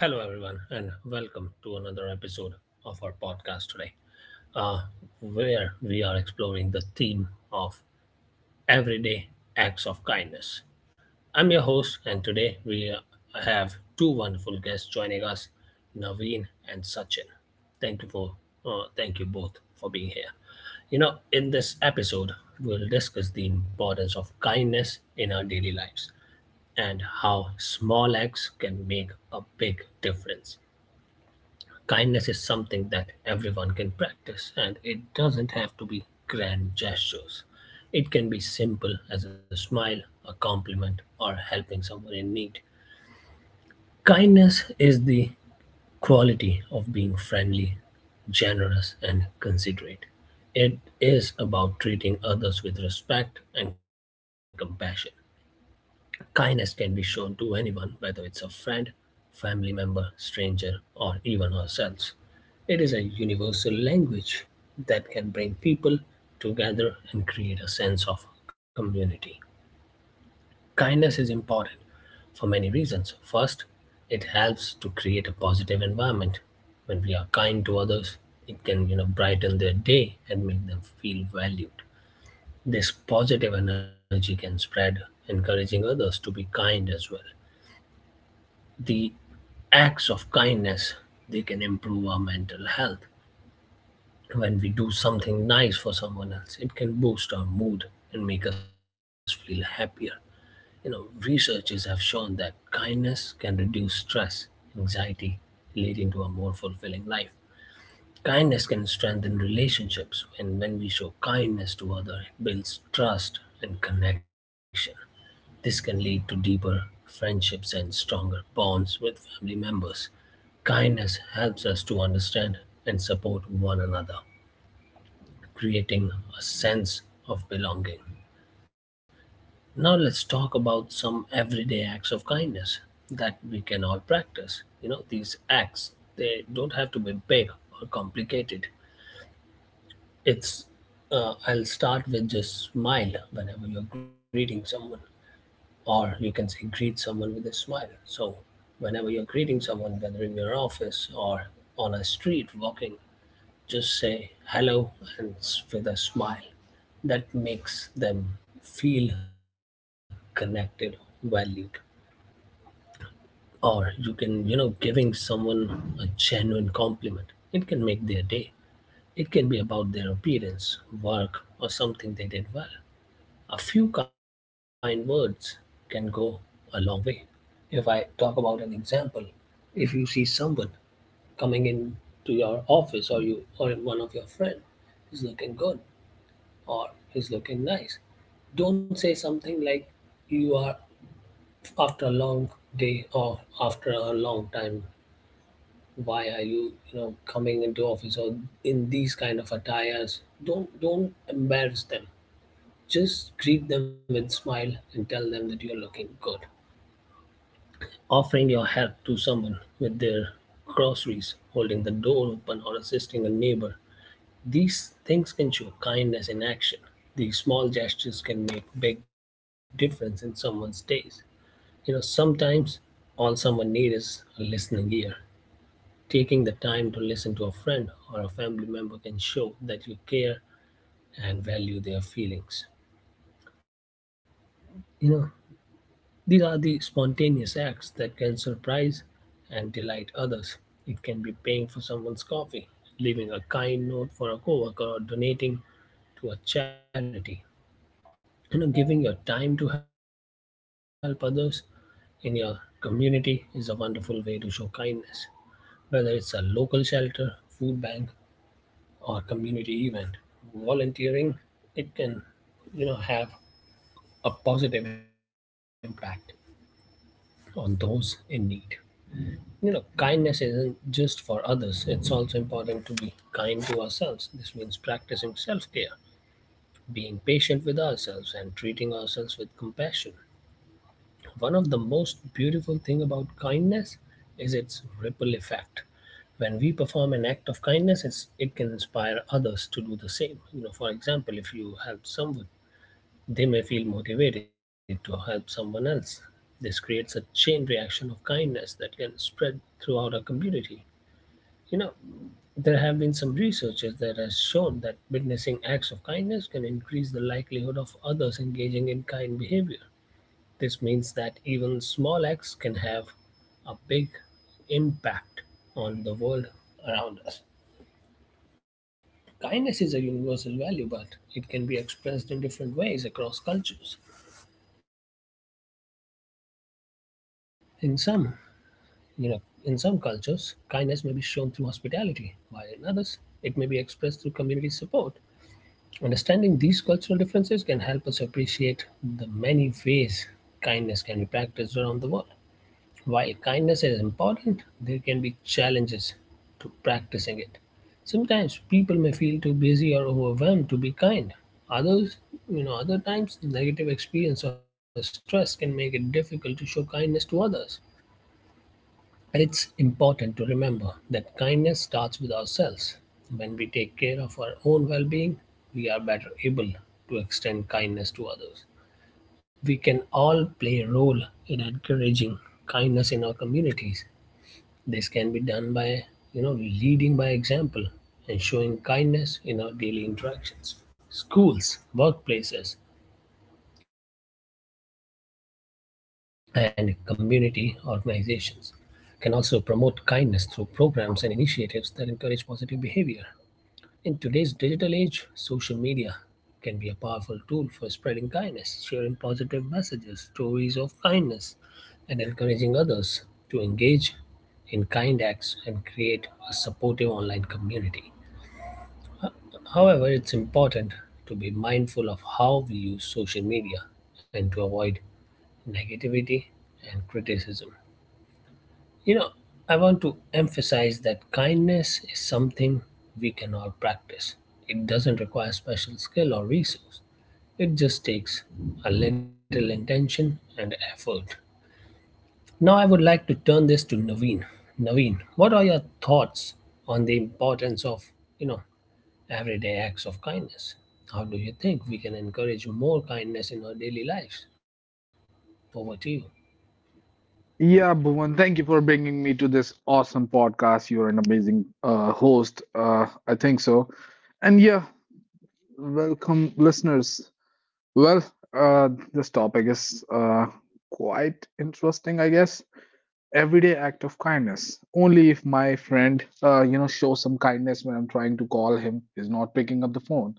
Hello, everyone, and welcome to another episode of our podcast today, uh, where we are exploring the theme of everyday acts of kindness. I'm your host, and today we have two wonderful guests joining us, Naveen and Sachin. Thank you for thank you both for being here. You know, in this episode, we'll discuss the importance of kindness in our daily lives and how small acts can make a big difference. Kindness is something that everyone can practice, and it doesn't have to be grand gestures. It can be simple as a smile, a compliment, or helping someone in need. Kindness is the quality of being friendly, generous, and considerate. It is about treating others with respect and compassion. Kindness can be shown to anyone, whether it's a friend, family member, stranger, or even ourselves. It is a universal language that can bring people together and create a sense of community. Kindness is important for many reasons. First, it helps to create a positive environment. When we are kind to others, it can, you know, brighten their day and make them feel valued. This positive energy can spread, encouraging others to be kind as well. The acts of kindness, they can improve our mental health. When we do something nice for someone else, it can boost our mood and make us feel happier. You know, researchers have shown that kindness can reduce stress, anxiety, leading to a more fulfilling life. Kindness can strengthen relationships, and when we show kindness to others, it builds trust and connection. This can lead to deeper friendships and stronger bonds with family members. Kindness helps us to understand and support one another, creating a sense of belonging. Now, let's talk about some everyday acts of kindness that we can all practice. You know, these acts, they don't have to be big or complicated. It's, I'll start with just smile whenever you're greeting someone, or you can say greet someone with a smile. So, whenever you're greeting someone, whether in your office or on a street walking, just say hello and with a smile that makes them feel connected, valued. Or you can, you know, giving someone a genuine compliment, it can make their day. It can be about their appearance, work, or something they did well. A few kind words can go a long way. If I talk about an example, if you see someone coming in to your office, or you, or one of your friend is looking good, or he's looking nice. Don't say something like you are after a long day or after a long time. Why are you, you know, coming into office or in these kind of attires? Don't embarrass them. Just greet them with smile and tell them that you're looking good. Offering your help to someone with their groceries, holding the door open, or assisting a neighbor, these things can show kindness in action. These small gestures can make big difference in someone's days. You know, sometimes all someone needs is a listening ear. Taking the time to listen to a friend or a family member can show that you care and value their feelings. You know, these are the spontaneous acts that can surprise and delight others. It can be paying for someone's coffee, leaving a kind note for a coworker, or donating to a charity. You know, giving your time to help others in your community is a wonderful way to show kindness, whether it's a local shelter, food bank, or community event. Volunteering, it can, you know, have a positive impact on those in need. You know, kindness isn't just for others, it's also important to be kind to ourselves. This means practicing self-care, being patient with ourselves, and treating ourselves with compassion. One of the most beautiful thing about kindness is its ripple effect. When we perform an act of kindness, it can inspire others to do the same. You know, for example, if you help someone, they may feel motivated to help someone else. This creates a chain reaction of kindness that can spread throughout a community. You know, there have been some researchers that has shown that witnessing acts of kindness can increase the likelihood of others engaging in kind behavior. This means that even small acts can have a big impact on the world around us. Kindness is a universal value, but it can be expressed in different ways across cultures. In some, you know, in some cultures, kindness may be shown through hospitality, while in others, it may be expressed through community support. Understanding these cultural differences can help us appreciate the many ways kindness can be practiced around the world. While kindness is important, there can be challenges to practicing it. Sometimes people may feel too busy or overwhelmed to be kind. Others, you know, other times negative experience or stress can make it difficult to show kindness to others. It's important to remember that kindness starts with ourselves. When we take care of our own well being, we are better able to extend kindness to others. We can all play a role in encouraging kindness in our communities. This can be done by, you know, leading by example and showing kindness in our daily interactions. Schools, workplaces, and community organizations can also promote kindness through programs and initiatives that encourage positive behavior. In today's digital age, social media can be a powerful tool for spreading kindness, sharing positive messages, stories of kindness, and encouraging others to engage in kind acts and create a supportive online community. However, it's important to be mindful of how we use social media and to avoid negativity and criticism. You know, I want to emphasize that kindness is something we can all practice. It doesn't require special skill or resource, it just takes a little intention and effort. Now, I would like to turn this to Naveen. Naveen, what are your thoughts on the importance of, you know, everyday acts of kindness? How do you think we can encourage more kindness in our daily lives? Over to you. Yeah, Bhuvan, thank you for bringing me to this awesome podcast. You're an amazing host. I think so. And yeah, welcome, listeners. Well, this topic is quite interesting, I guess. Everyday act of kindness. Only if my friend, shows some kindness when I'm trying to call him, is not picking up the phone.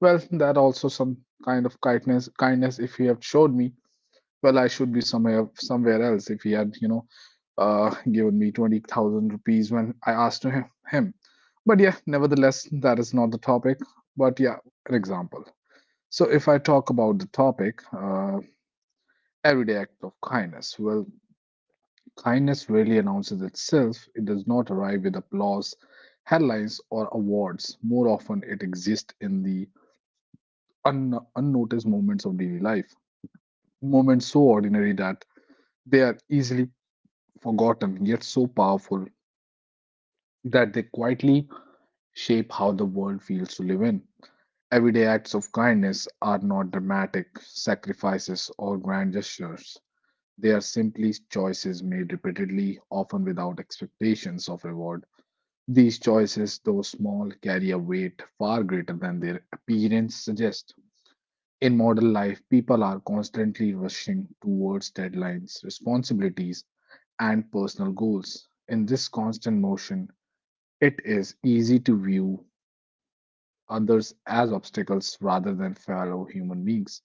Well, that also some kind of kindness. Kindness if he have showed me, well, I should be somewhere else if he had, given me 20,000 rupees when I asked him. But yeah, nevertheless, that is not the topic. But yeah, an example. So if I talk about the topic, everyday act of kindness. Well, kindness really announces itself. It does not arrive with applause, headlines, or awards. More often, it exists in the unnoticed moments of daily life. Moments so ordinary that they are easily forgotten, yet so powerful that they quietly shape how the world feels to live in. Everyday acts of kindness are not dramatic sacrifices or grand gestures. They are simply choices made repeatedly, often without expectations of reward. These choices, though small, carry a weight far greater than their appearance suggests. In modern life, people are constantly rushing towards deadlines, responsibilities, and personal goals. In this constant motion, it is easy to view others as obstacles rather than fellow human beings.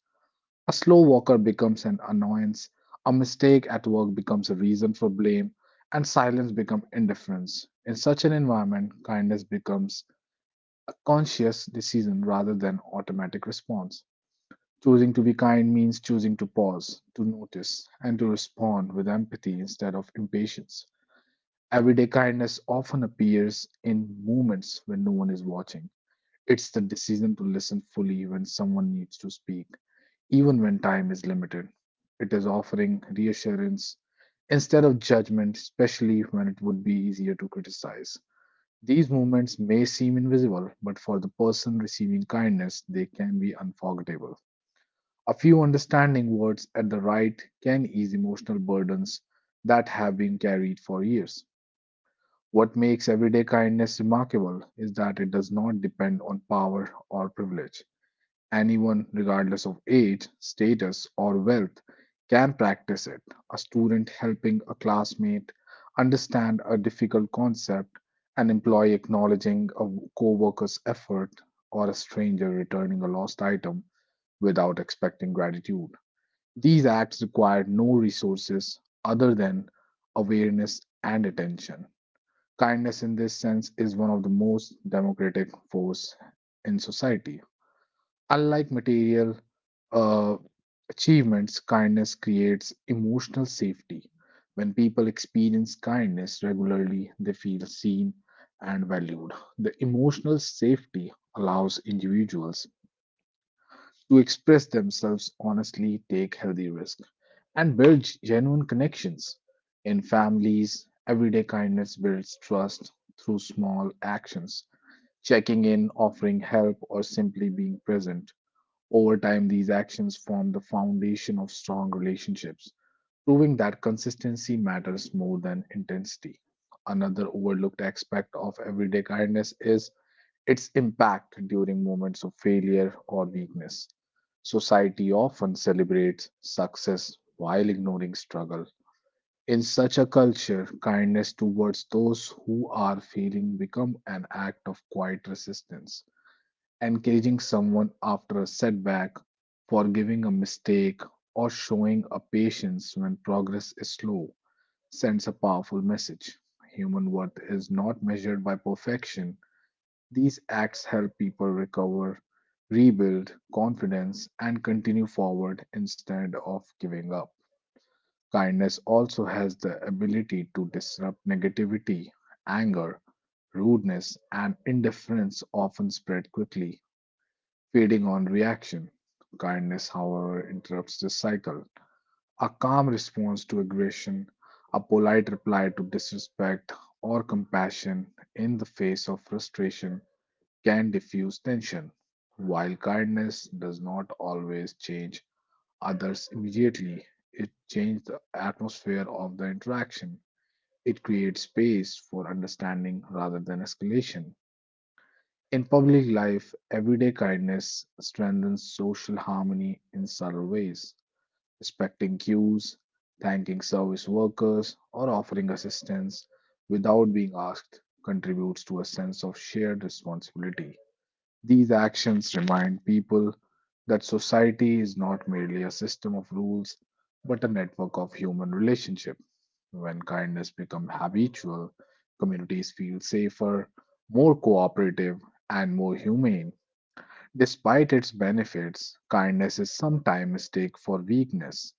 A slow walker becomes an annoyance, a mistake at work becomes a reason for blame, and silence becomes indifference. In such an environment, kindness becomes a conscious decision rather than automatic response. Choosing to be kind means choosing to pause, to notice, and to respond with empathy instead of impatience. Everyday kindness often appears in moments when no one is watching. It's the decision to listen fully when someone needs to speak, even when time is limited. It is offering reassurance instead of judgment, especially when it would be easier to criticize. These moments may seem invisible, but for the person receiving kindness, they can be unforgettable. A few understanding words at the right can ease emotional burdens that have been carried for years. What makes everyday kindness remarkable is that it does not depend on power or privilege. Anyone, regardless of age, status, or wealth, can practice it. A student helping a classmate understand a difficult concept, an employee acknowledging a co worker's effort, or a stranger returning a lost item without expecting gratitude, these acts require no resources other than awareness and attention. Kindness in this sense is one of the most democratic force in society. Unlike material uh, achievements, kindness creates emotional safety. When people experience kindness regularly, they feel seen and valued. The emotional safety allows individuals to express themselves honestly, take healthy risks, and build genuine connections. In families, everyday kindness builds trust through small actions, checking in, offering help, or simply being present. Over time, these actions form the foundation of strong relationships, proving that consistency matters more than intensity. Another overlooked aspect of everyday kindness is its impact during moments of failure or weakness. Society often celebrates success while ignoring struggle. In such a culture, kindness towards those who are failing become an act of quiet resistance. Encouraging someone after a setback, forgiving a mistake, or showing a patience when progress is slow sends a powerful message. Human worth is not measured by perfection, these acts help people recover, rebuild confidence, and continue forward instead of giving up. Kindness also has the ability to disrupt negativity, anger, rudeness, and indifference often spread quickly, feeding on reaction. Kindness, however, interrupts this cycle. A calm response to aggression, a polite reply to disrespect, or compassion in the face of frustration can diffuse tension. While kindness does not always change others immediately, it changes the atmosphere of the interaction. It creates space for understanding rather than escalation. In public life, everyday kindness strengthens social harmony in subtle ways. Respecting cues, thanking service workers, or offering assistance without being asked contributes to a sense of shared responsibility. These actions remind people that society is not merely a system of rules, but a network of human relationships. When kindness becomes habitual, communities feel safer, more cooperative, and more humane. Despite its benefits, kindness is sometimes mistaken for weakness.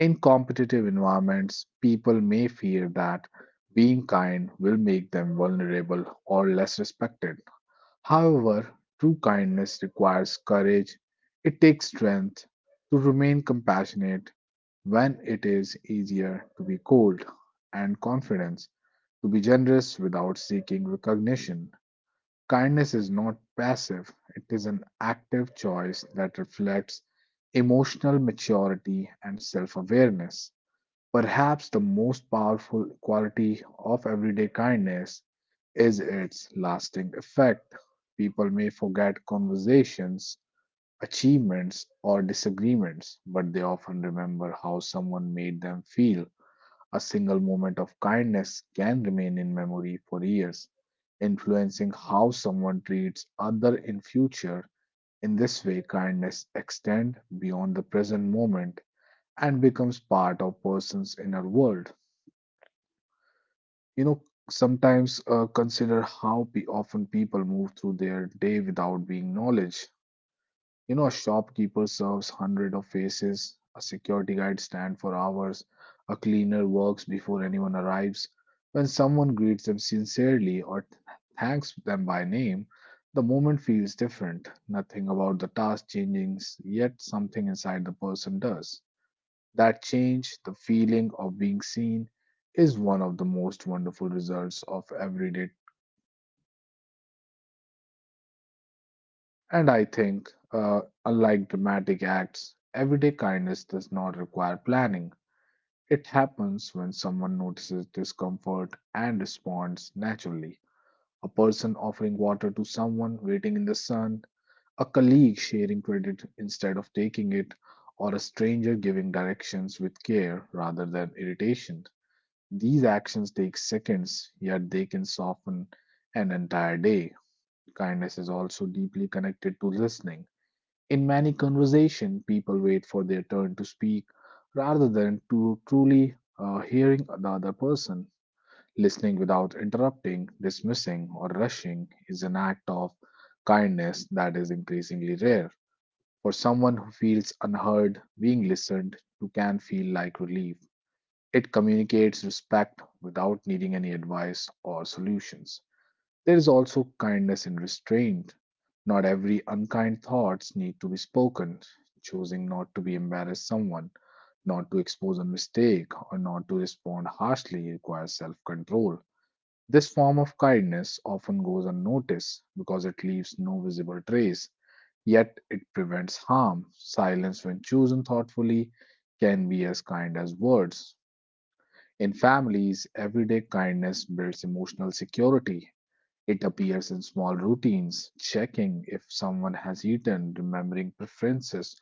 In competitive environments, people may fear that being kind will make them vulnerable or less respected. However, true kindness requires courage. It takes strength to remain compassionate when it is easier to be cold, and confidence to be generous without seeking recognition. Kindness is not passive, it is an active choice that reflects emotional maturity and self awareness. Perhaps the most powerful quality of everyday kindness is its lasting effect. People may forget conversations, achievements, or disagreements, but they often remember how someone made them feel. A single moment of kindness can remain in memory for years, influencing how someone treats other in future. In this way, kindness extends beyond the present moment and becomes part of person's inner world. you know Sometimes consider how pe often people move through their day without being knowledge. You know, a shopkeeper serves hundred of faces, a security guard stands for hours, a cleaner works before anyone arrives. When someone greets them sincerely or thanks them by name, the moment feels different. Nothing about the task changes, yet something inside the person does. That change, the feeling of being seen, is one of the most wonderful results of everyday. And I think, unlike dramatic acts, everyday kindness does not require planning. It happens when someone notices discomfort and responds naturally. A person offering water to someone waiting in the sun, a colleague sharing credit instead of taking it, or a stranger giving directions with care rather than irritation. These actions take seconds, yet they can soften an entire day. Kindness is also deeply connected to listening. In many conversations, people wait for their turn to speak rather than to truly hearing the other person. Listening without interrupting, dismissing, or rushing is an act of kindness that is increasingly rare. For someone who feels unheard, being listened to can feel like relief. It communicates respect without needing any advice or solutions. There is also kindness in restraint. Not every unkind thoughts need to be spoken. Choosing not to be embarrassed someone, not to expose a mistake, or not to respond harshly requires self-control. This form of kindness often goes unnoticed because it leaves no visible trace, yet it prevents harm. Silence, when chosen thoughtfully, can be as kind as words. In families, everyday kindness builds emotional security. It appears in small routines, checking if someone has eaten, remembering preferences,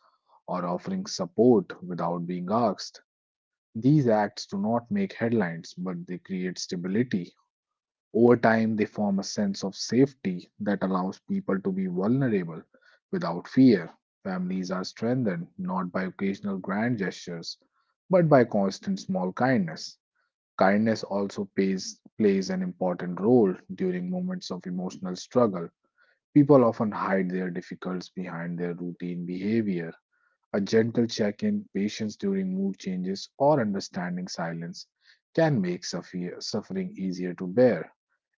or offering support without being asked. These acts do not make headlines, but they create stability. Over time, they form a sense of safety that allows people to be vulnerable without fear. Families are strengthened not by occasional grand gestures, but by constant small kindness. Kindness also plays an important role during moments of emotional struggle. People often hide their difficulties behind their routine behavior. A gentle check in, patience during mood changes, or understanding silence can make suffering easier to bear.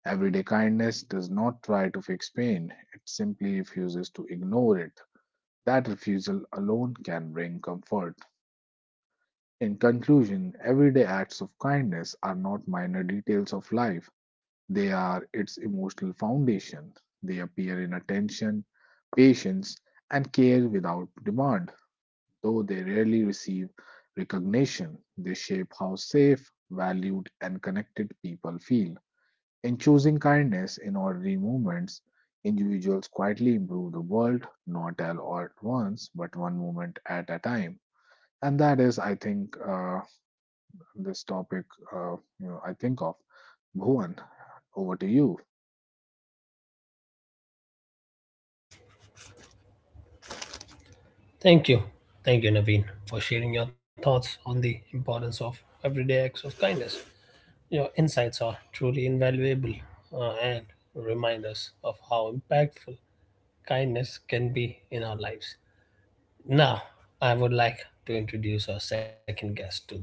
Everyday kindness does not try to fix pain, it simply refuses to ignore it. That refusal alone can bring comfort. In conclusion, everyday acts of kindness are not minor details of life. They are its emotional foundation. They appear in attention, patience, and care without demand. Though they rarely receive recognition, they shape how safe, valued, and connected people feel. In choosing kindness in ordinary moments, individuals quietly improve the world, not all at once, but one moment at a time. And that is, I think, this topic, I think of. Bhuvan, over to you. Thank you. Thank you, Naveen, for sharing your thoughts on the importance of everyday acts of kindness. Your insights are truly invaluable, and remind us of how impactful kindness can be in our lives. Now, I would like to introduce our second guest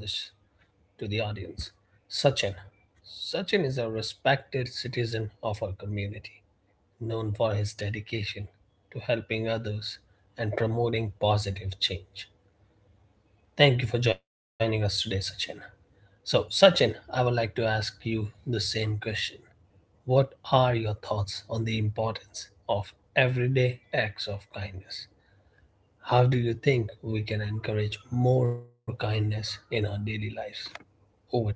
to the audience, Sachin. Sachin is a respected citizen of our community, known for his dedication to helping others and promoting positive change. Thank you for joining us today, Sachin. So, Sachin, I would like to ask you the same question. What are your thoughts on the importance of everyday acts of kindness? How do you think we can encourage more kindness in our daily lives? Over to you.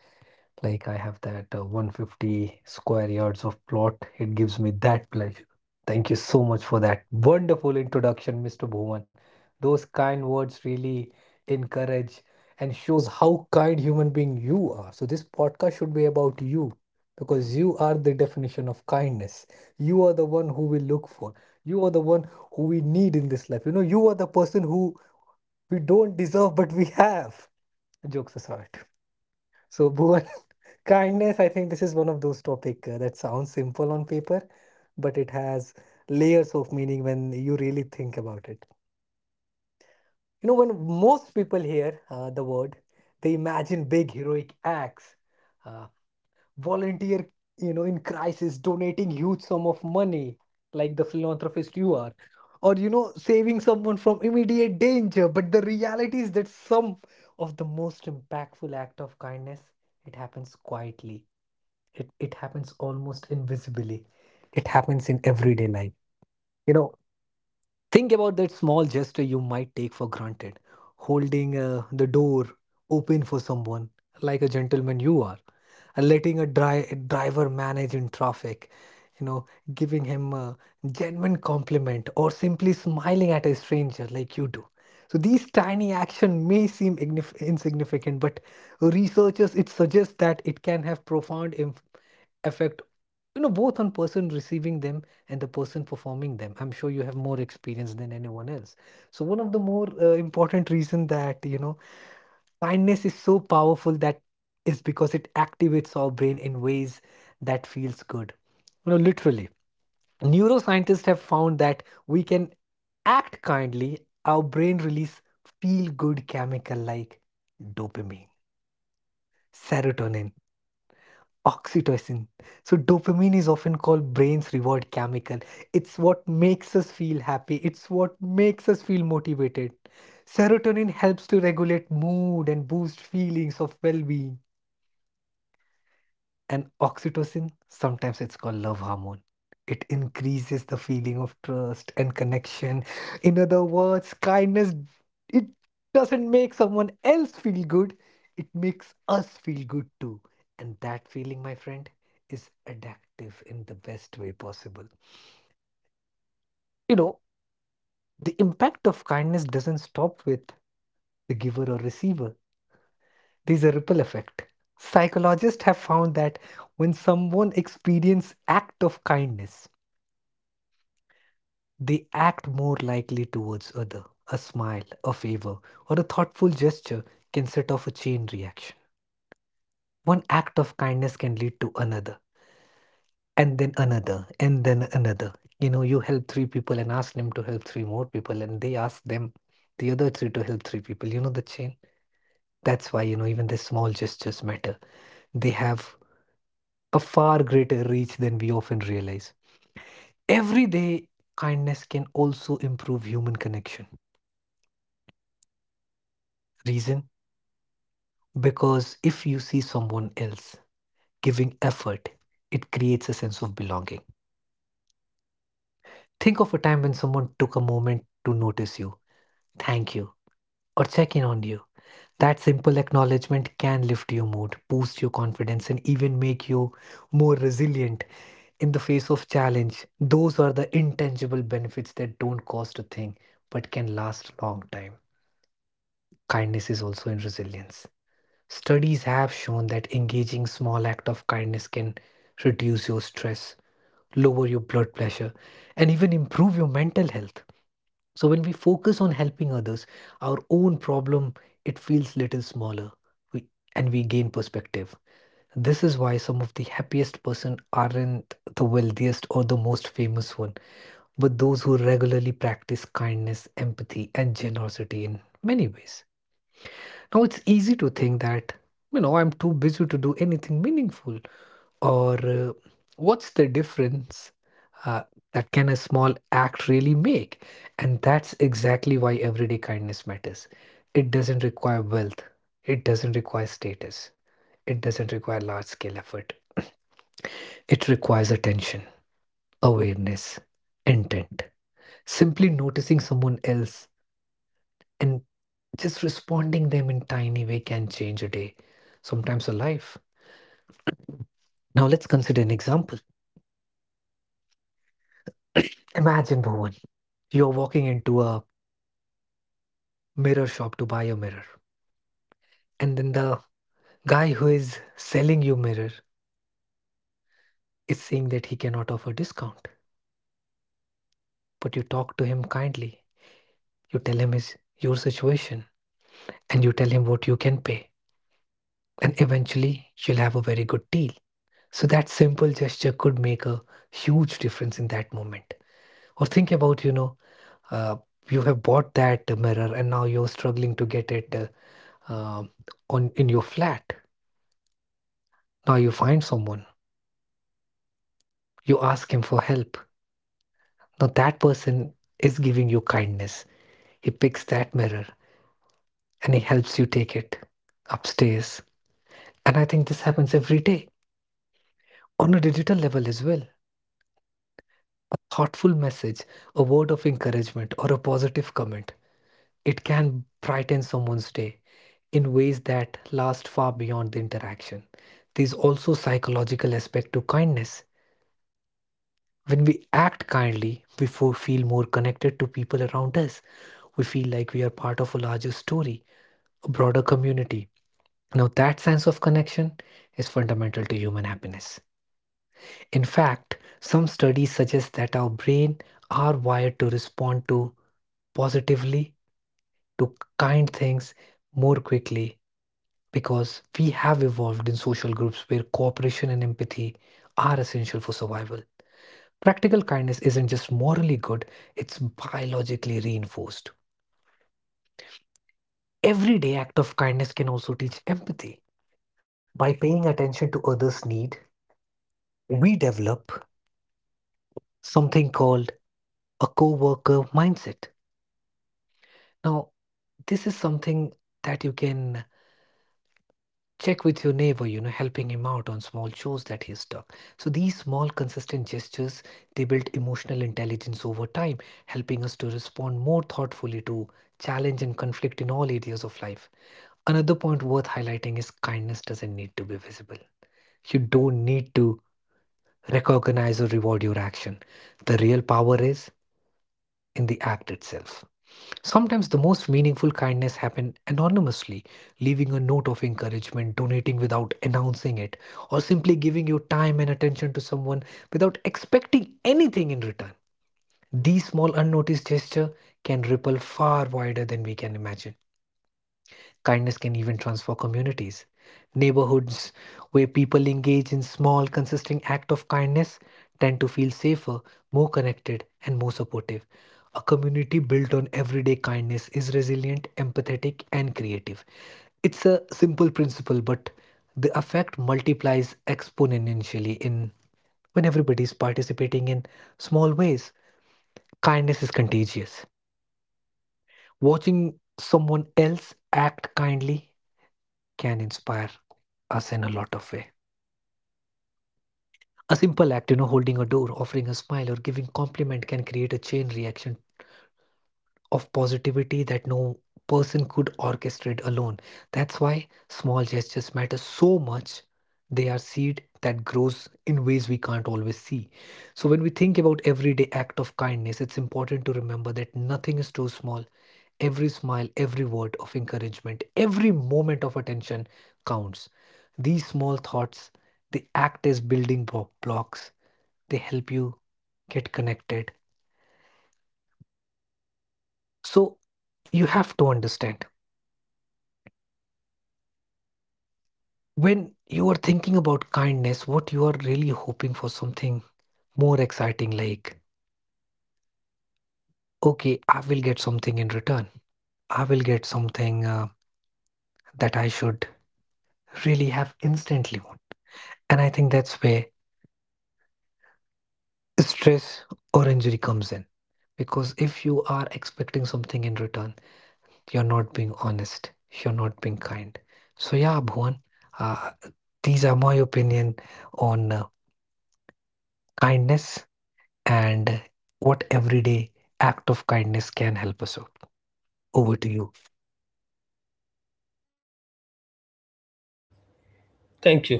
Thank you.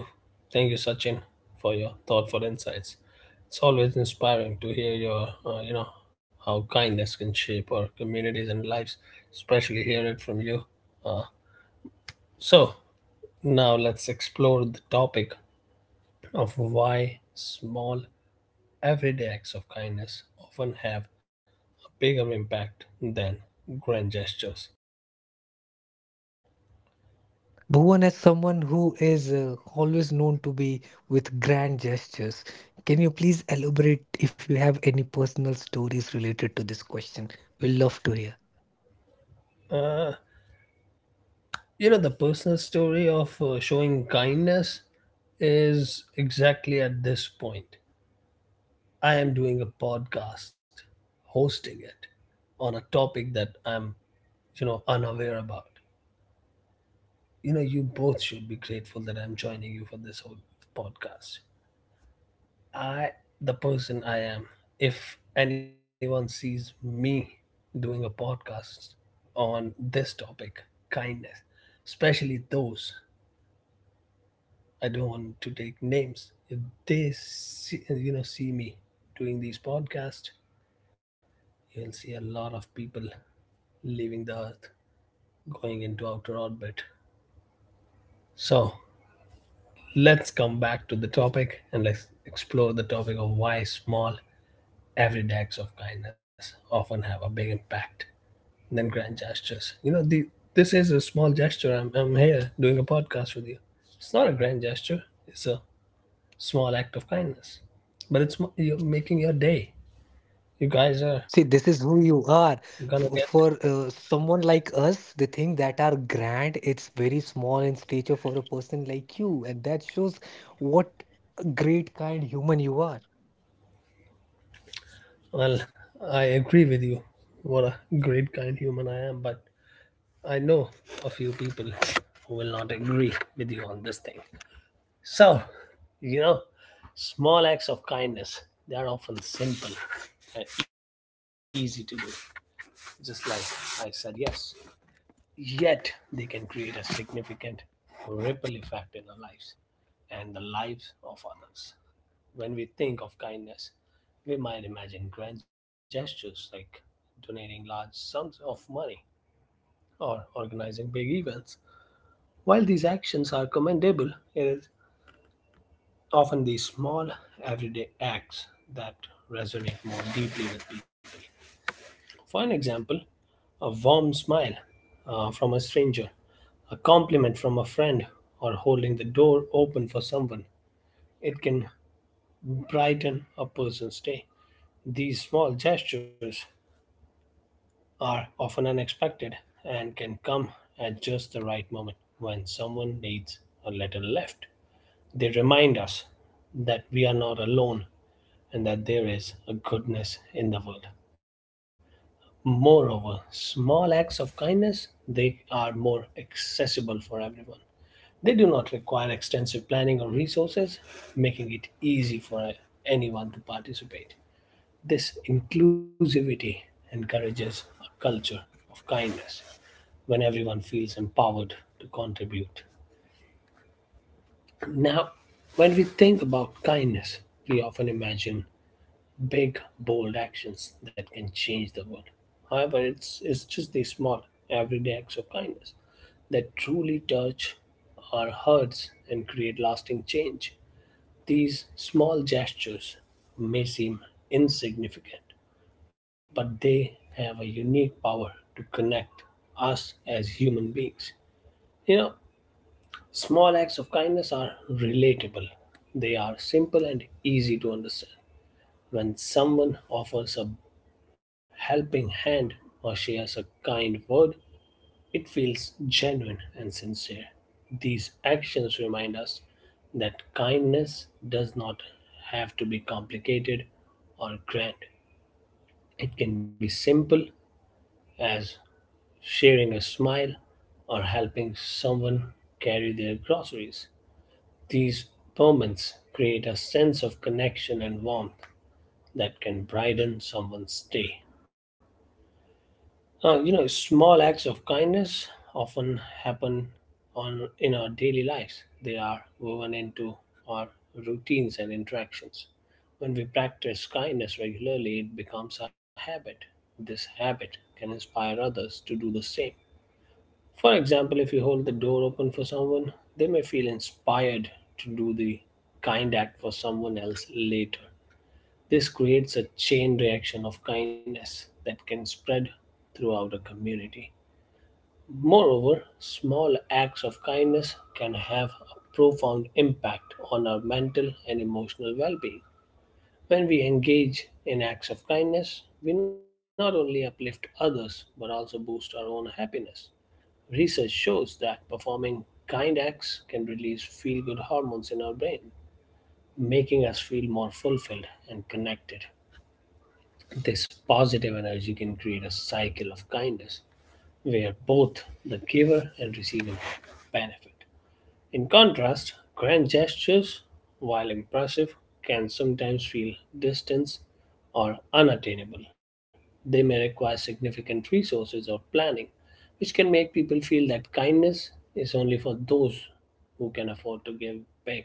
Thank you, Sachin, for your thoughtful insights. It's always inspiring to hear your, you know, how kindness can shape our communities and lives, especially hear it from you. Uh, so, now let's explore the topic of why small everyday acts of kindness often have a bigger impact than grand gestures. Uh, you know, the personal story of showing kindness is exactly at this point. I am doing a podcast, hosting it on a topic that I'm, you know, unaware about. You know, you both should be grateful that I'm joining you for this whole podcast. I, the person I am, if anyone sees me doing a podcast on this topic, kindness, especially those I don't want to take names, if they see, see me doing these podcasts, you'll see a lot of people leaving the Earth, going into outer orbit. So let's come back to the topic and let's explore the topic of why small everyday acts of kindness often have a big impact than grand gestures. You know, the this is a small gesture. I'm here doing a podcast with you. It's not a grand gesture. It's a small act of kindness, but it's you're making your day. You guys are gonna get. Well, I agree with you. What a great kind human I am, but I know a few people who will not agree with you on this thing. So, you know, small acts of kindness, they are often simple and easy to do. Just like I said, yes. Yet, they can create a significant ripple effect in our lives and the lives of others. When we think of kindness, we might imagine grand gestures like donating large sums of money or organizing big events. While these actions are commendable, it is often these small, everyday acts that resonate more deeply with people. For an example, a warm smile from a stranger, a compliment from a friend, or holding the door open for someone. It can brighten a person's day. These small gestures are often unexpected and can come at just the right moment when someone needs a little lift. They remind us that we are not alone and that there is a goodness in the world. Moreover, small acts of kindness, they are more accessible for everyone. They do not require extensive planning or resources, making it easy for anyone to participate. This inclusivity encourages a culture of kindness when everyone feels empowered to contribute. Now, when we think about kindness, we often imagine big, bold actions that can change the world. However, it's just the small, everyday acts of kindness that truly touch our hearts and create lasting change. These small gestures may seem insignificant, but they have a unique power to connect us as human beings. You know, small acts of kindness are relatable, they are simple and easy to understand. When someone offers a helping hand or shares a kind word, it feels genuine and sincere. These actions remind us that kindness does not have to be complicated or grand. It can be simple as sharing a smile or helping someone carry their groceries. These moments create a sense of connection and warmth that can brighten someone's day. You know, small acts of kindness often happen on in our daily lives. They are woven into our routines and interactions. When we practice kindness regularly, it becomes a habit. This habit can inspire others to do the same. For example, if you hold the door open for someone, they may feel inspired to do the kind act for someone else later. This creates a chain reaction of kindness that can spread throughout a community. Moreover, small acts of kindness can have a profound impact on our mental and emotional well being. When we engage in acts of kindness, we not only uplift others but also boost our own happiness. Research shows that performing kind acts can release feel good hormones in our brain, making us feel more fulfilled and connected. This positive energy can create a cycle of kindness where both the giver and receiver benefit. In contrast, grand gestures, while impressive, can sometimes feel distant or unattainable. They may require significant resources or planning, which can make people feel that kindness is only for those who can afford to give back.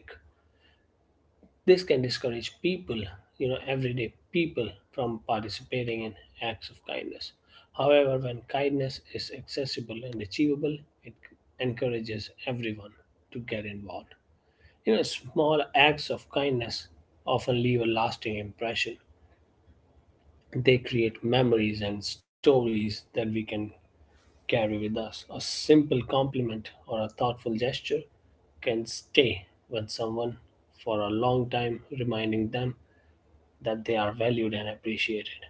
This can discourage people, you know, everyday people from participating in acts of kindness. However, when kindness is accessible and achievable, it encourages everyone to get involved. You know, small acts of kindness often leave a lasting impression. They create memories and stories that we can carry with us. A simple compliment or a thoughtful gesture can stay with someone for a long time, reminding them that they are valued and appreciated.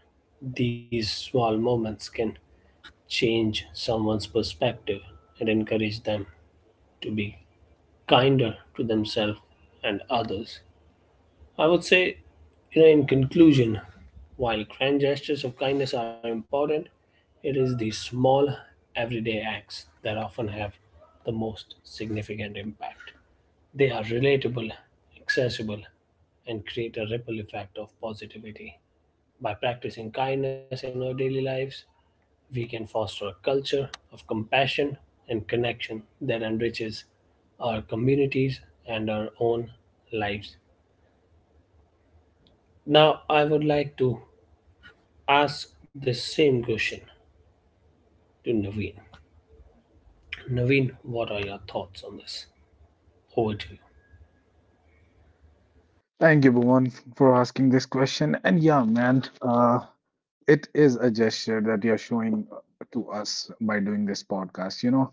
These small moments can change someone's perspective and encourage them to be kinder to themselves and others. I would say, you know, in conclusion, while grand gestures of kindness are important, it is the small, everyday acts that often have the most significant impact. They are relatable, accessible, and create a ripple effect of positivity. By practicing kindness in our daily lives, we can foster a culture of compassion and connection that enriches our communities and our own lives. Now, I would like to ask the same question to Naveen. Naveen, what are your thoughts on this? Over to you. Thank you, Bhuvan, for asking this question. And yeah, man, it is a gesture that you're showing to us by doing this podcast.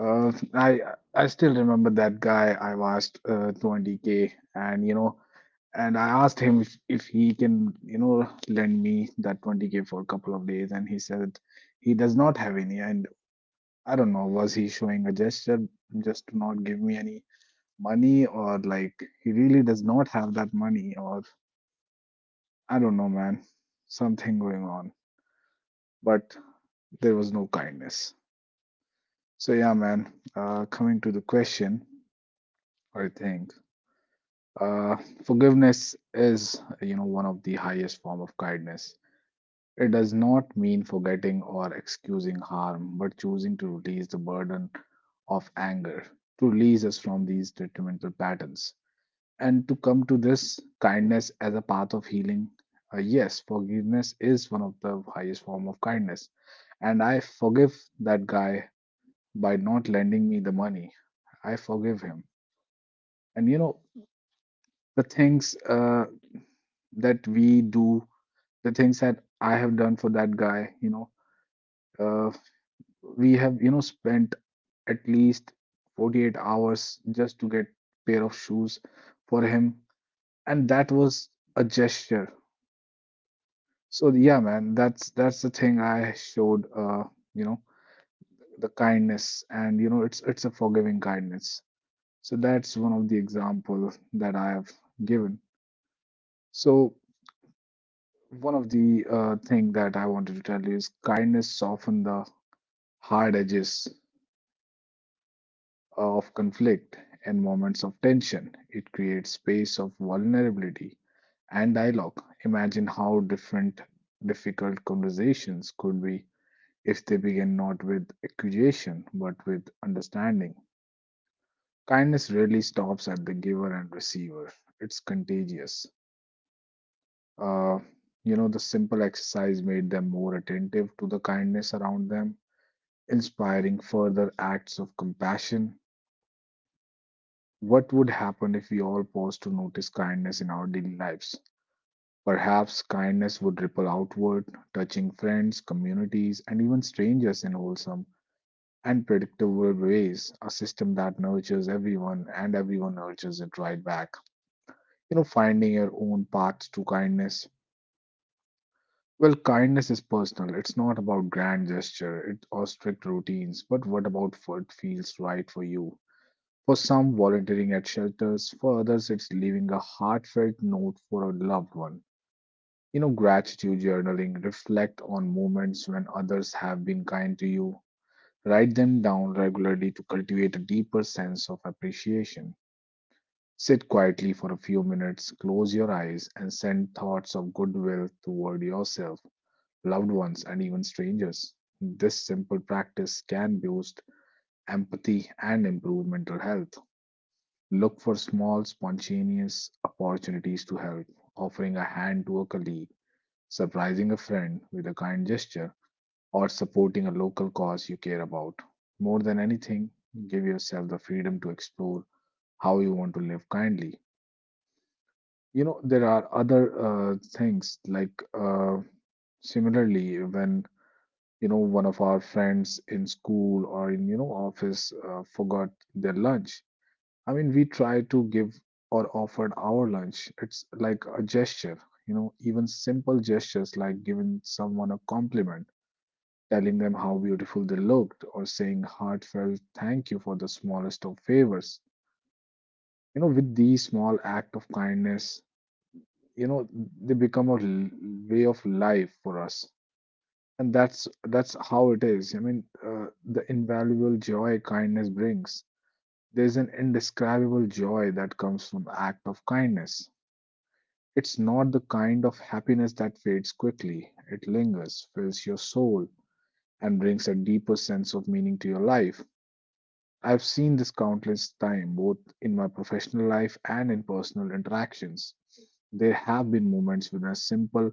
uh, I I still remember that guy I've asked 20k, and you know, and I asked him if, he can, you know, lend me that 20k for a couple of days, and he said he does not have any. And I don't know, was he showing a gesture just to not give me any money, or like he really does not have that money, or I don't know, man. Something going on, but there was no kindness. So yeah, man. Coming to the question, I think uh, forgiveness is, you know, one of the highest form of kindness. It does not mean forgetting or excusing harm, but choosing to release the burden of anger to release us from these detrimental patterns. And to come to this kindness as a path of healing. Yes, forgiveness is one of the highest form of kindness, and I forgive that guy by not lending me the money. I forgive him. And you know the things that we do, the things that I have done for that guy. Uh, we have spent at least 48 hours just to get pair of shoes for him, and that was a gesture. So yeah, man, that's the thing I showed, you know, the kindness, and you know it's a forgiving kindness. So that's one of the example that I have given. So one of the thing that I wanted to tell you is kindness soften the hard edges of conflict and moments of tension. It creates space of vulnerability and dialogue. Imagine how different difficult conversations could be if they begin not with accusation but with understanding. Kindness really stops at the giver and receiver. It's contagious. Uh, you know, the simple exercise made them more attentive to the kindness around them, inspiring further acts of compassion. What would happen if we all paused to notice kindness in our daily lives? Perhaps kindness would ripple outward, touching friends, communities, and even strangers in wholesome and predictable ways, a system that nurtures everyone and everyone nurtures it right back. You know, finding your own path to kindness. Well, kindness is personal. It's not about grand gesture it, or strict routines, but what about what feels right for you? For some, volunteering at shelters. For others, it's leaving a heartfelt note for a loved one. You know, gratitude journaling, reflect on moments when others have been kind to you. Write them down regularly to cultivate a deeper sense of appreciation. Sit quietly for a few minutes, close your eyes, and send thoughts of goodwill toward yourself, loved ones, and even strangers. This simple practice can boost empathy and improve mental health. Look for small, spontaneous opportunities to help, offering a hand to a colleague, surprising a friend with a kind gesture, or supporting a local cause you care about. More than anything, give yourself the freedom to explore how you want to live kindly. You know, there are other things like similarly, when you know one of our friends in school or in, you know, office forgot their lunch. I mean, we try to give or offered our lunch. It's like a gesture. You know, even simple gestures like giving someone a compliment, telling them how beautiful they looked, or saying heartfelt thank you for the smallest of favors. You know, with these small act of kindness, you know, they become way of life for us. And that's how it is. I mean, the invaluable joy kindness brings. There's an indescribable joy that comes from act of kindness. It's not the kind of happiness that fades quickly. It lingers, fills your soul, and brings a deeper sense of meaning to your life. I've seen this countless time, both in my professional life and in personal interactions. There have been moments when a simple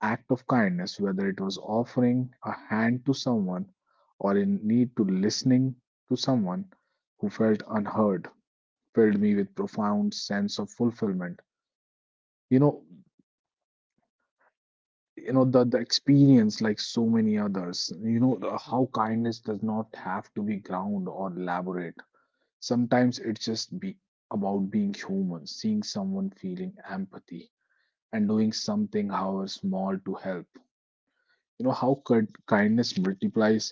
act of kindness, whether it was offering a hand to someone or in need to listening to someone who felt unheard, filled me with profound sense of fulfillment. You know, the, experience like so many others, you know how kindness does not have to be ground or elaborate. Sometimes it's just be about being human, seeing someone feeling empathy and doing something, however small, to help. You know how could kindness multiplies?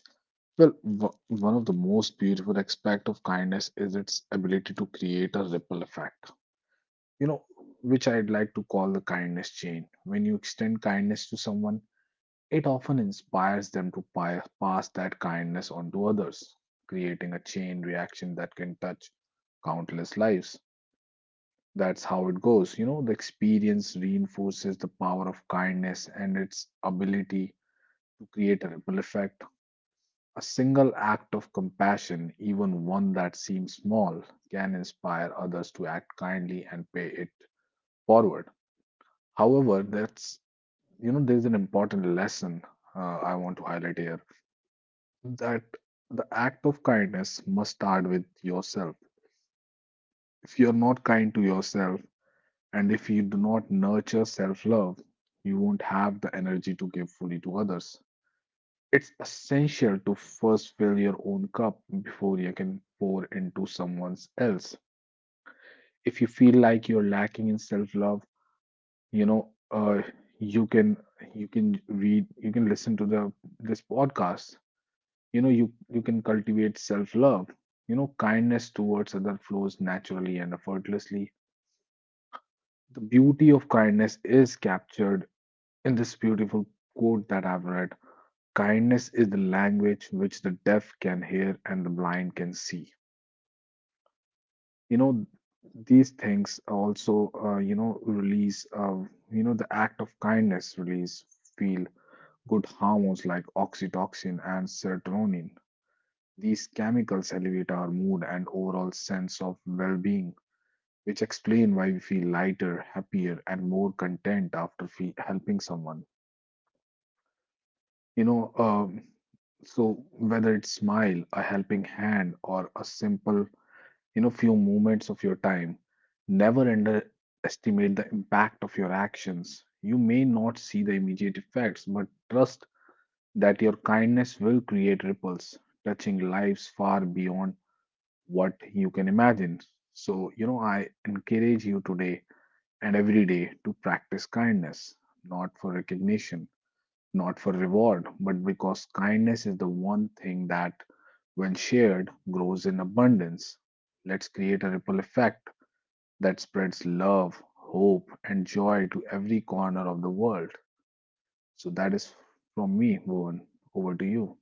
Well, one of the most beautiful aspect of kindness is its ability to create a ripple effect. You know, which I'd like to call the kindness chain. When you extend kindness to someone, it often inspires them to pass that kindness on to others, creating a chain reaction that can touch countless lives. That's how it goes. You know, the experience reinforces the power of kindness and its ability to create a ripple effect. A single act of compassion, even one that seems small, can inspire others to act kindly and pay it forward. However, that's, you know, there's an important lesson I want to highlight here, that the act of kindness must start with yourself. If you're not kind to yourself, and if you do not nurture self love, you won't have the energy to give fully to others. It's essential to first fill your own cup before you can pour into someone else. If you feel like you're lacking in self love, you know, uh, you can read, you can listen to the this podcast. You know, you can cultivate self love. You know, kindness towards other flows naturally and effortlessly. The beauty of kindness is captured in this beautiful quote that I've read: kindness is the language which the deaf can hear and the blind can see. You know, these things also, you know, release, you know, the act of kindness release feel good hormones like oxytocin and serotonin. These chemicals elevate our mood and overall sense of well being, which explain why we feel lighter, happier, and more content after helping someone. You know, um, so whether it's smile, a helping hand, or a simple, you know, few moments of your time, never underestimate the impact of your actions. You may not see the immediate effects, but trust that your kindness will create ripples, touching lives far beyond what you can imagine. So, you know, I encourage you today and every day to practice kindness, not for recognition, not for reward, but because kindness is the one thing that, when shared, grows in abundance. Let's create a ripple effect that spreads love, hope, and joy to every corner of the world. So that is from me, Bhuvan. Over to you.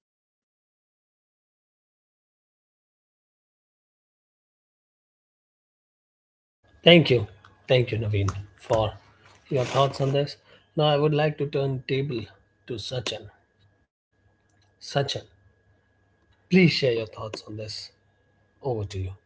Thank you. Thank you, Naveen, for your thoughts on this. Now, I would like to turn table to Sachin. Sachin, please share your thoughts on this. Over to you.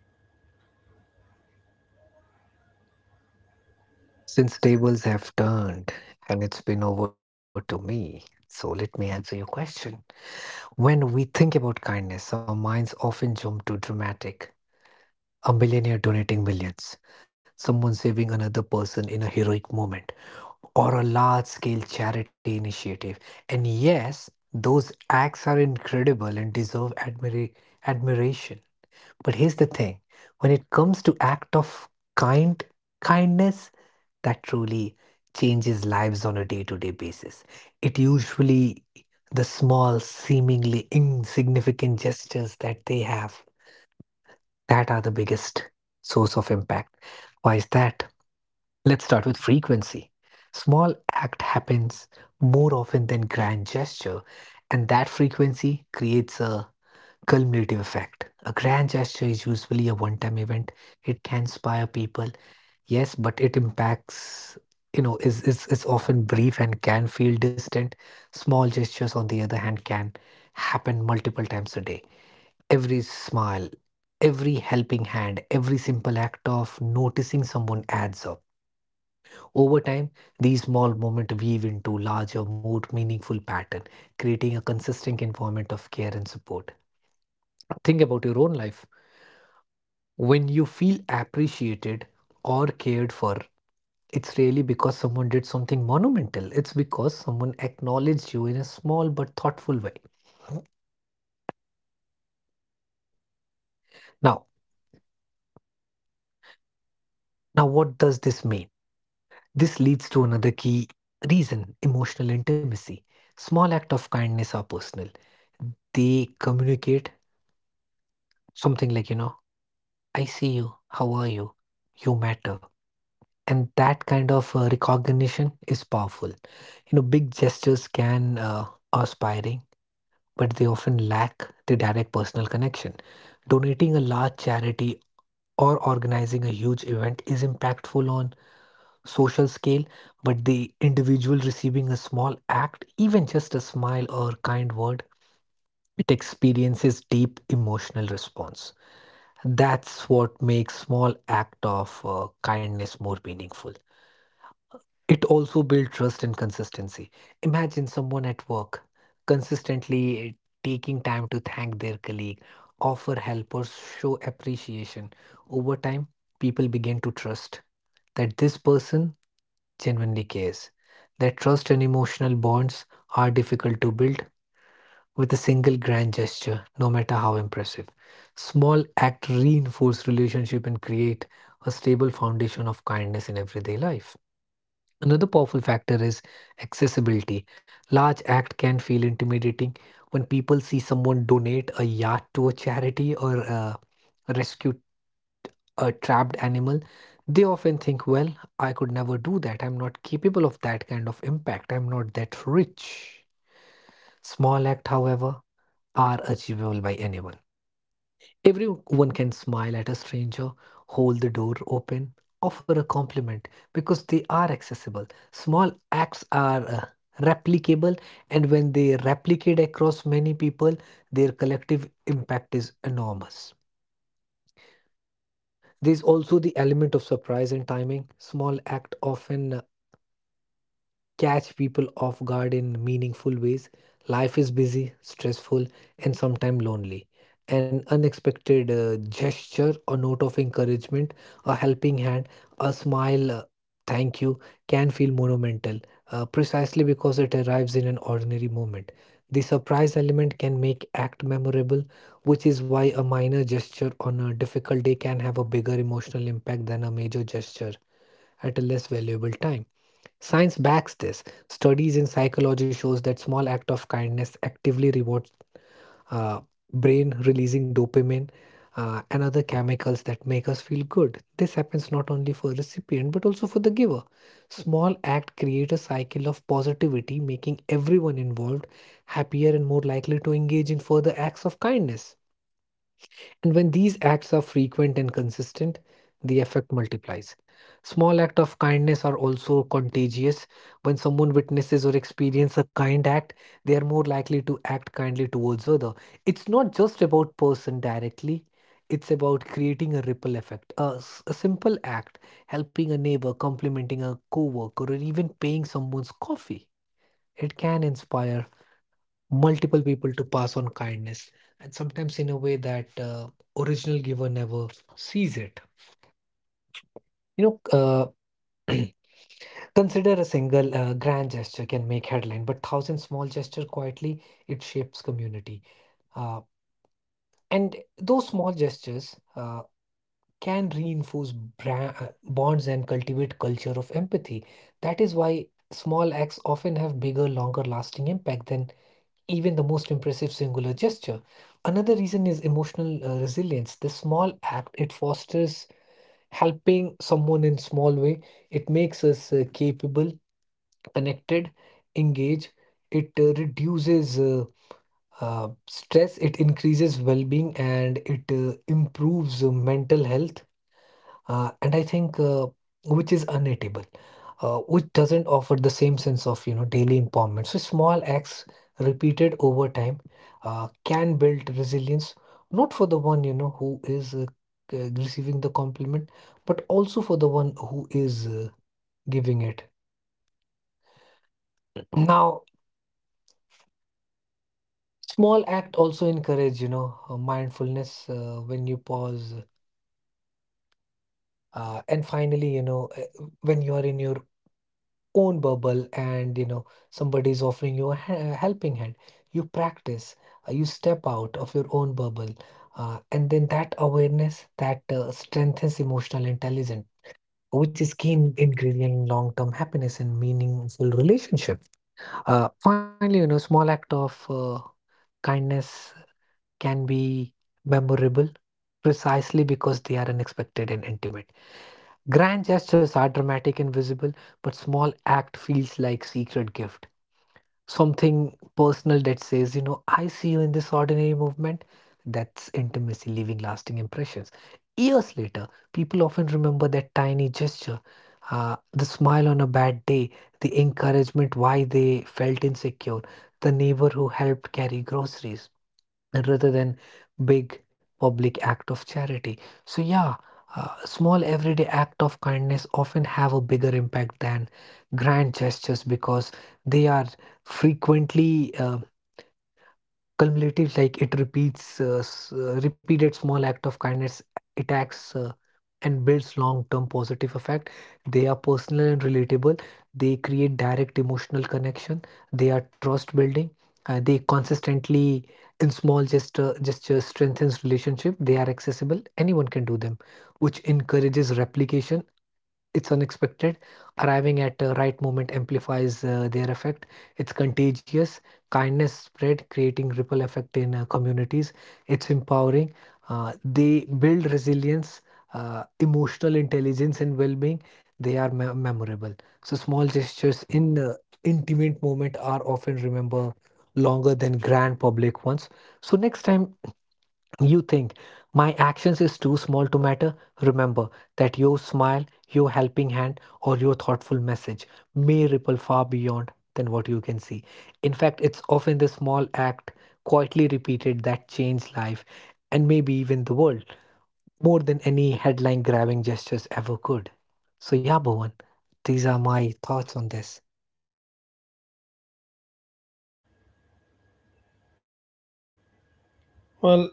Well,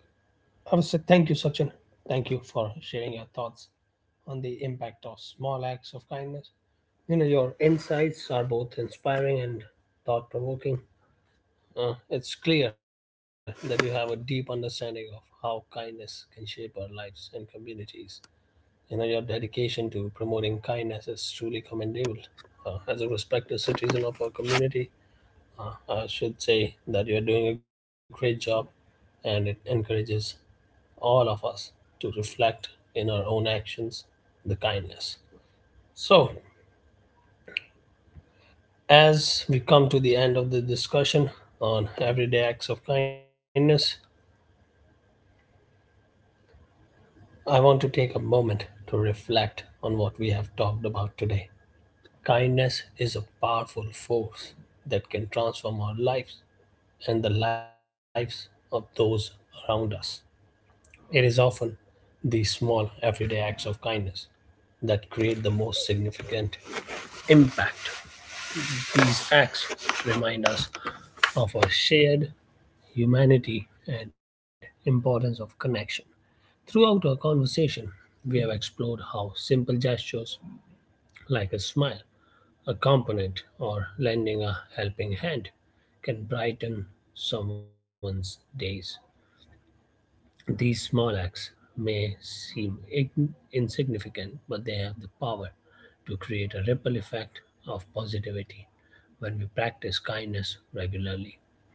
I would say thank you, Sachin. Thank you for sharing your thoughts on the impact of small acts of kindness. You know, your insights are both inspiring and thought provoking. It's clear that you have a deep understanding of how kindness can shape our lives and communities. You know, your dedication to promoting kindness is truly commendable. As a respected citizen of our community, I should say that you're doing a great job and it encourages all of us to reflect in our own actions the kindness. So, as we come to the end of the discussion on everyday acts of kindness, I want to take a moment to reflect on what we have talked about today. Kindness is a powerful force that can transform our lives and the lives of those around us. It is often these small, everyday acts of kindness that create the most significant impact. These acts remind us of our shared humanity and importance of connection. Throughout our conversation, we have explored how simple gestures like a smile, a compliment, or lending a helping hand can brighten someone's days. These small acts may seem insignificant, but they have the power to create a ripple effect of positivity when we practice kindness regularly.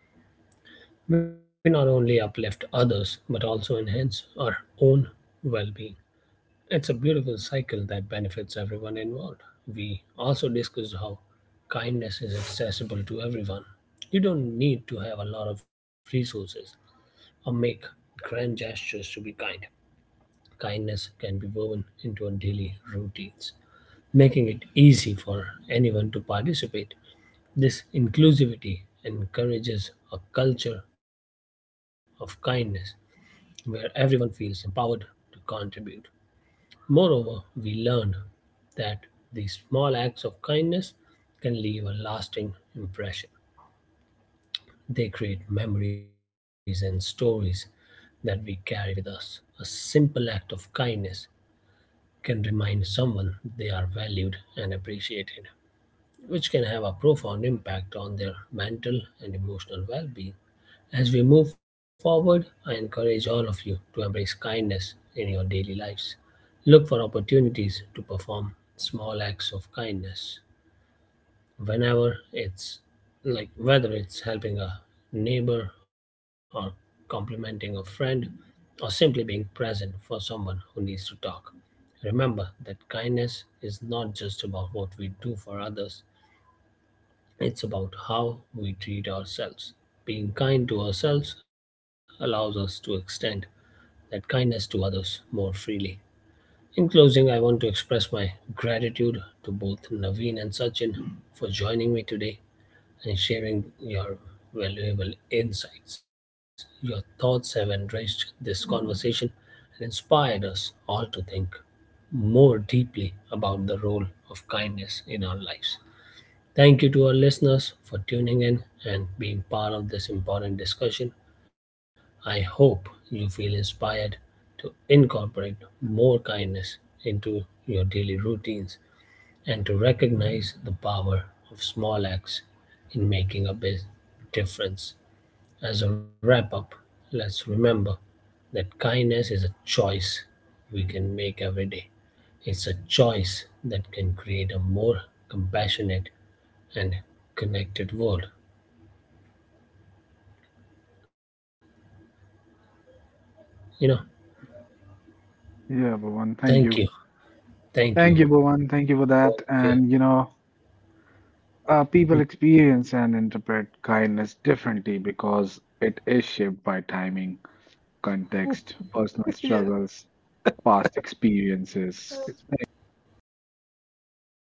We not only uplift others but also enhance our own well being. It's a beautiful cycle that benefits everyone involved. We also discussed how kindness is accessible to everyone. You don't need to have a lot of resources or make grand gestures to be kind. Kindness can be woven into our daily routines, making it easy for anyone to participate. This inclusivity encourages a culture of kindness where everyone feels empowered to contribute. Moreover, we learned that these small acts of kindness can leave a lasting impression. They create memories and stories that we carry with us. A simple act of kindness can remind someone they are valued and appreciated, which can have a profound impact on their mental and emotional well being. As we move forward, I encourage all of you to embrace kindness in your daily lives. Look for opportunities to perform small acts of kindness whenever it's like, whether it's helping a neighbor or complimenting a friend or simply being present for someone who needs to talk. Remember that kindness is not just about what we do for others, it's about how we treat ourselves. Being kind to ourselves allows us to extend that kindness to others more freely. In closing, I want to express my gratitude to both Naveen and Sachin for joining me today and sharing your valuable insights. Your thoughts have enriched this conversation and inspired us all to think more deeply about the role of kindness in our lives. Thank you to our listeners for tuning in and being part of this important discussion. I hope you feel inspired to incorporate more kindness into your daily routines and to recognize the power of small acts in making a big difference. As a wrap up, let's remember that kindness is a choice we can make every day. It's a choice that can create a more compassionate and connected world. You know, Yeah, Bhuvan, thank thank you, you. thank you, Thank you, Bhuvan. Thank you for both that. of you. And, you know, people experience and interpret kindness differently because it is shaped by timing, context, personal struggles, past experiences,